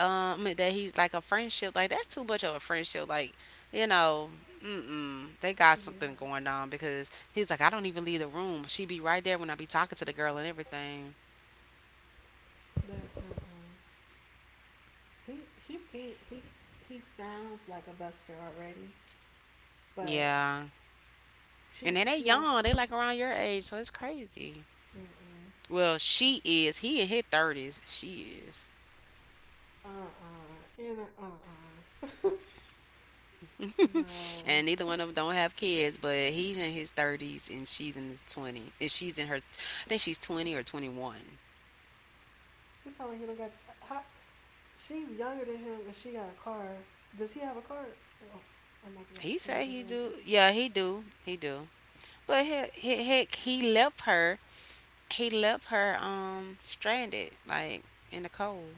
Speaker 1: that he's like a friendship. Like that's too much of a friendship. Like, you know, mm-mm, they got
Speaker 2: Yeah.
Speaker 1: something going on because he's like, I don't even leave the room. She be right there when I be talking to the girl and everything.
Speaker 2: But uh uh he seem he sounds like a buster already. But
Speaker 1: Yeah, and
Speaker 2: she
Speaker 1: then they
Speaker 2: she also
Speaker 1: young. They like around your age, so it's crazy.
Speaker 2: mm-mm.
Speaker 1: Well, she is. He in his thirties. She is.
Speaker 2: And
Speaker 1: (laughs)
Speaker 2: (laughs)
Speaker 1: And neither one of
Speaker 2: no.
Speaker 1: them don't have kids, but he's in his 30s and she's in his 20s. And she's in her, I think she's 20 or 21.
Speaker 2: It sounds like he don't got. His, how, she's younger than him, and she got a car. Does he have a car? Well, I might be asking
Speaker 1: He
Speaker 2: too much
Speaker 1: say he
Speaker 2: information.
Speaker 1: do. Yeah, he do. He do. But heck, he left her. He left her stranded, like in the cold,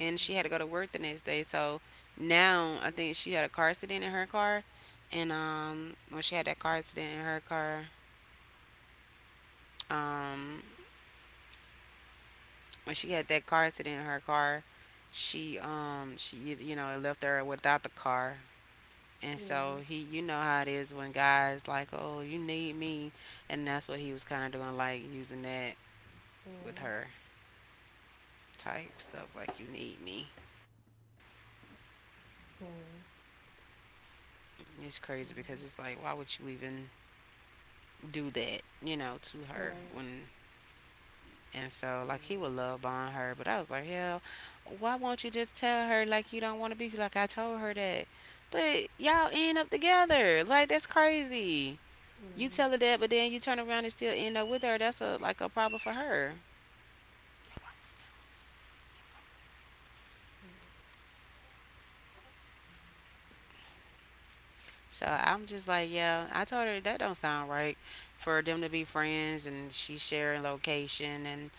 Speaker 1: and she had to go to work the next day. So now I think she had a car accident in her car, and when she had that car accident in her car, um when she had that car accident in her car, she you know it left her without the car. And so
Speaker 2: Yeah.
Speaker 1: he, you know how it is when guys like, oh, you need me, and that's what he was kind of doing, like using that with
Speaker 2: Mm.
Speaker 1: her type stuff, like you need me. It's crazy because it's like, why would you even do that, you know, to her
Speaker 2: Right.
Speaker 1: when. And so, like, he would love bomb her. But I was like, hell, why won't you just tell her, like, you don't want to be? Like, I told her that. But y'all end up together. Like, that's crazy. You tell her that, but then you turn around and still end up with her. That's a like a problem for her. So I'm just like, yeah, I told her that don't sound right for them to be friends and she sharing location and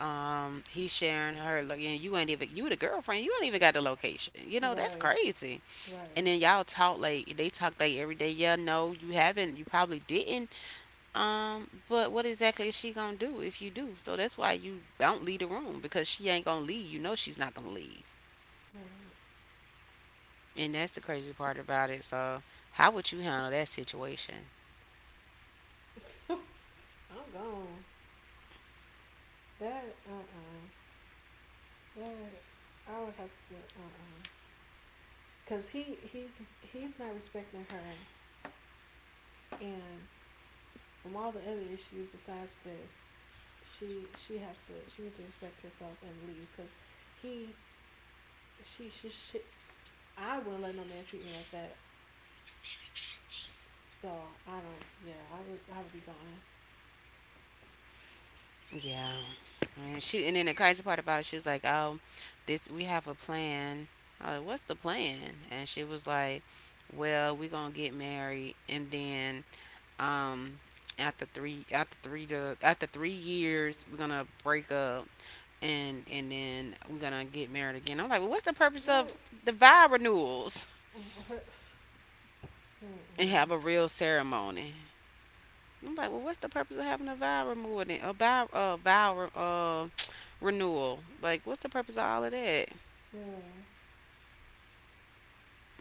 Speaker 1: he sharing her and you ain't even you the girlfriend, you ain't even got the location. You know, that's
Speaker 2: Right.
Speaker 1: crazy. And
Speaker 2: Right.
Speaker 1: then y'all talk like they talk like every day. Yeah, no, you haven't. You probably didn't. But what exactly is she gonna do if you do? So that's why you don't leave the room because she ain't gonna leave. You know she's not gonna leave,
Speaker 2: Right.
Speaker 1: and that's the crazy part about it. So how would you handle that situation?
Speaker 2: Right. (laughs) I'm gone. That that I would have to, because he's not respecting her, and from all the other issues besides this, she has to she needs to respect herself and leave because he she I wouldn't let no man treat me like that. So I don't. Yeah, I would be gone.
Speaker 1: Yeah, and she and then the crazy part about it, she was like, "Oh, this we have a plan." I was like, "What's the plan?" And she was like, "Well, we gonna get married, and then Um, after 3 years, we're gonna break up, and then we're gonna get married again. I'm like, well, what's the purpose of
Speaker 2: What?
Speaker 1: the vow renewals? (laughs)
Speaker 2: (laughs)
Speaker 1: And
Speaker 2: Mm-mm.
Speaker 1: have a real ceremony. I'm like, well, what's the purpose of having a vow renewal? A vow, renewal. Like, what's the purpose of all of that?
Speaker 2: Yeah.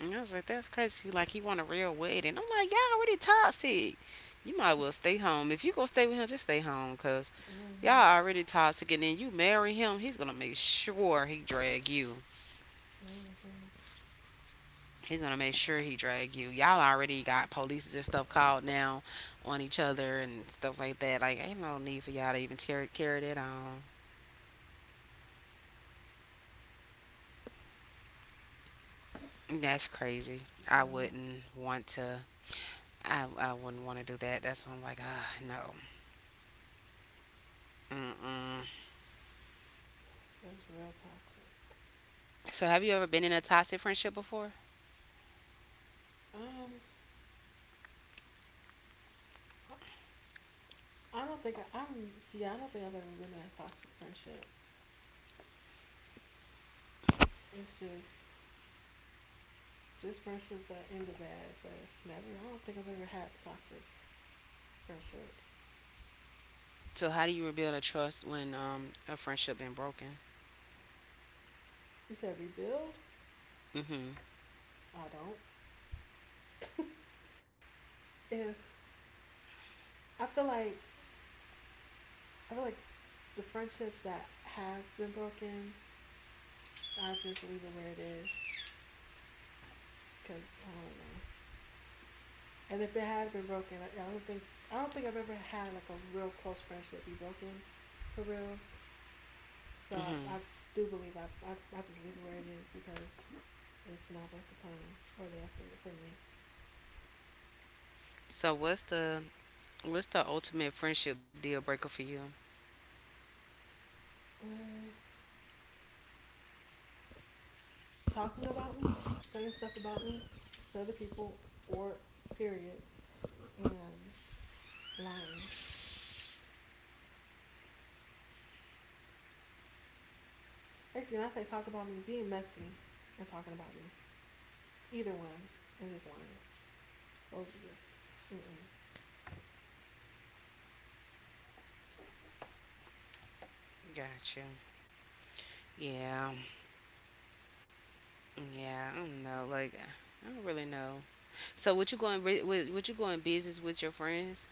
Speaker 1: And I was like, that's crazy. Like, he want a real wedding. I'm like, y'all already toxic. You might as well stay home. If you gonna stay with him, just stay home, cause
Speaker 2: Mm-hmm.
Speaker 1: y'all already toxic. And then you marry him, he's gonna make sure he drag you.
Speaker 2: Mm-hmm.
Speaker 1: He's gonna make sure he drag you. Y'all already got police and stuff called now on each other and stuff like that. Like, ain't no need for y'all to even carry that on. That's crazy. I
Speaker 2: Yeah.
Speaker 1: wouldn't want to. I wouldn't want to do that. That's why I'm like, ah, no. Mm-mm.
Speaker 2: It's real toxic.
Speaker 1: So, have you ever been in a toxic friendship before?
Speaker 2: Um, I, I don't think I, I'm. Yeah, I don't think I've ever been in a toxic friendship. It's just friendships that ended bad, but never. I don't think I've ever had toxic friendships.
Speaker 1: So, how do you rebuild a trust when a friendship been broken?
Speaker 2: You said rebuild.
Speaker 1: Mhm.
Speaker 2: I don't. (laughs) Yeah, I feel like I feel like the friendships that have been broken, I just leave it where it is because I don't know. And if it had been broken, I don't think I've ever had like a real close friendship be broken, for real. So
Speaker 1: Mhm.
Speaker 2: I do believe I just leave it where it is because it's not worth the time or the effort for me.
Speaker 1: So, what's the ultimate friendship deal breaker for you?
Speaker 2: Mm, talking about me, saying stuff about me to other people, or period, and lying. Actually, when I say talk about me being messy and talking about me, either one, and just lying. Those are just. Mm-mm.
Speaker 1: Gotcha. Yeah. Yeah. I don't know. Like, I don't really know. So, would you go would you go in business with your friends?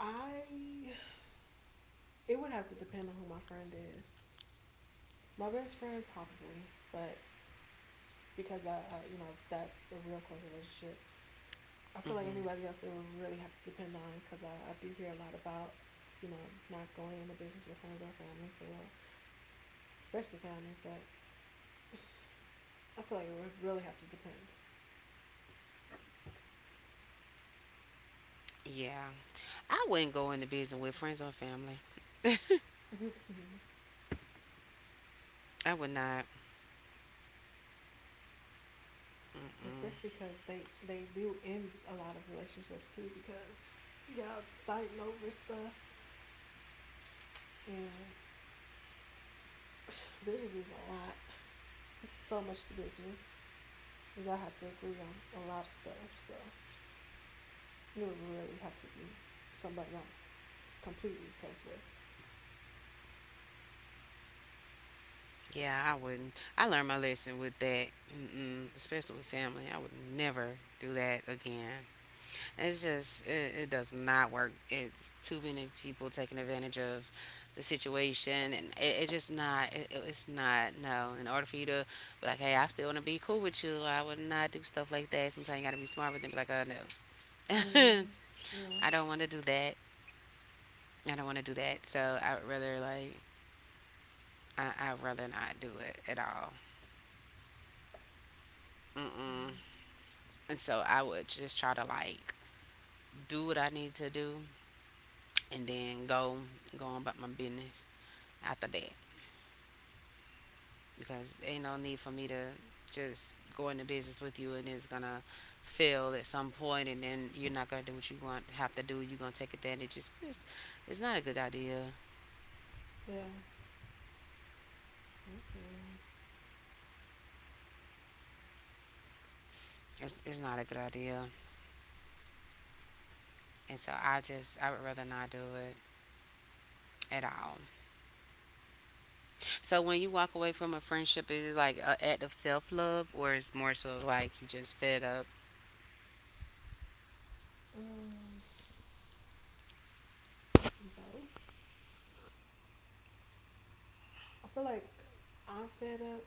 Speaker 2: I. It would have to depend on who my friend is. My best friend, probably, but because I you know, that's a real close relationship. I feel like
Speaker 1: Mhm.
Speaker 2: anybody else, it would really have to depend on because I do hear a lot about, you know, not going into business with friends or family for real, especially family. But I feel like it would really have to depend.
Speaker 1: Yeah. I wouldn't go into business with friends or family.
Speaker 2: (laughs)
Speaker 1: I would not. Mm-mm.
Speaker 2: Especially because they do end a lot of relationships too because y'all fighting over stuff and (sighs) business is a lot. It's so much to business, and y'all have to agree on a lot of stuff. So you would really have to be somebody I'm completely close with.
Speaker 1: Yeah, I wouldn't. I learned my lesson with that. Mm-mm. Especially with family. I would never do that again. It's just, it does not work. It's too many people taking advantage of the situation, and it just not, it- it's not, no. In order for you to be like, hey, I still want to be cool with you, I would not do stuff like that. Sometimes you got to be smart with them. Be like, oh, no. (laughs)
Speaker 2: Mm. Yeah.
Speaker 1: I don't want to do that. I don't want to do that. So I would rather, like, I'd rather not do it at all. Mm-mm. And so I would just try to like do what I need to do and then go on about my business after that. Because ain't no need for me to just go into business with you and it's gonna fail at some point and then you're not gonna do what you want have to do, you're gonna take advantage. It's not a good idea.
Speaker 2: Yeah. Okay.
Speaker 1: It's not a good idea. And so I just I would rather not do it at all. So when you walk away from a friendship, is it like an act of self love, or it's more so like you just fed up?
Speaker 2: Mm. Both. I feel like I'm fed up,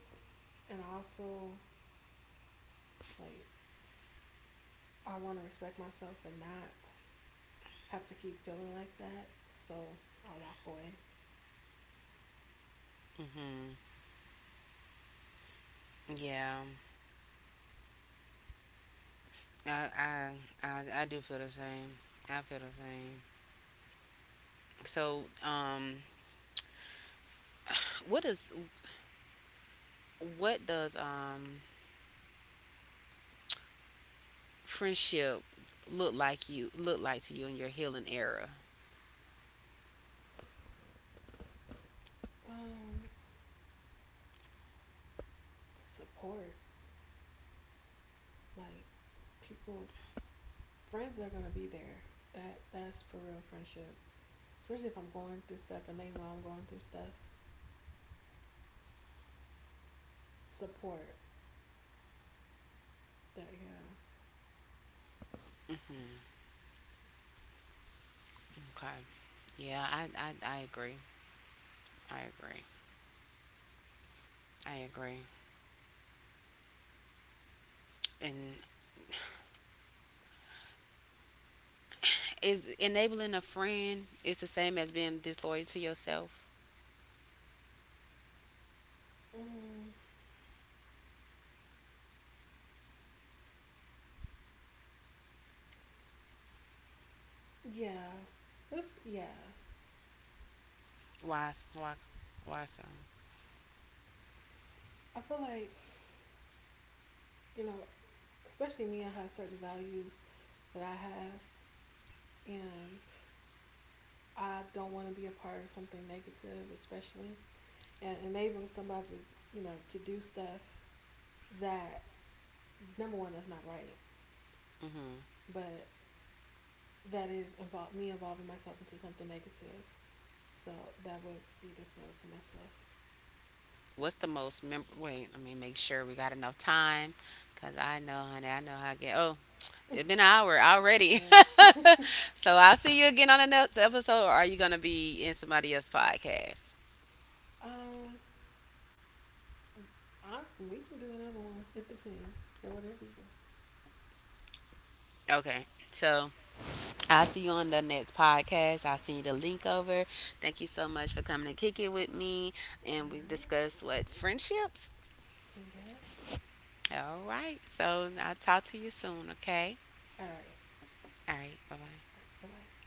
Speaker 2: and also like I want to respect myself and not have to keep feeling like that. So I walk away.
Speaker 1: hmm Yeah, I, I I do feel the same. I feel the same. So, what does what does um friendship look like you look like to you in your healing era?
Speaker 2: Um, support like people, friends are gonna be there. That's for real friendship. Especially if I'm going through stuff and they know I'm going through stuff. Support that, yeah.
Speaker 1: Hmm, okay. Yeah, I agree. I agree. I agree. And is enabling a friend is the same as being disloyal to yourself?
Speaker 2: Mm, yeah, this yeah.
Speaker 1: Why? Why? Why so?
Speaker 2: I feel like you know, especially me. I have certain values that I have, and I don't want to be a part of something negative, especially. And enabling somebody to, you know, to do stuff that number one that's not right, but that is involve me involving myself into something negative. So that would be disloyal to myself.
Speaker 1: What's the most mem? Wait, let me make sure we got enough time, cause I know, honey, I know how I get. Oh,
Speaker 2: (laughs)
Speaker 1: it's been an hour already.
Speaker 2: Yeah.
Speaker 1: (laughs) So I'll see you again on the next episode. Or are you gonna be in somebody else's podcast?
Speaker 2: (laughs) um, I we can do another one. It depends. Yeah, whatever you.
Speaker 1: Okay, so. I'll see you on the next podcast. I'll send you the link over. Thank you so much for coming to kick it with me.
Speaker 2: All
Speaker 1: And we
Speaker 2: right.
Speaker 1: discuss what friendships.
Speaker 2: Yeah.
Speaker 1: All right. So I'll talk to you soon, okay?
Speaker 2: All right. All
Speaker 1: All right. Bye bye.
Speaker 2: right. Bye bye.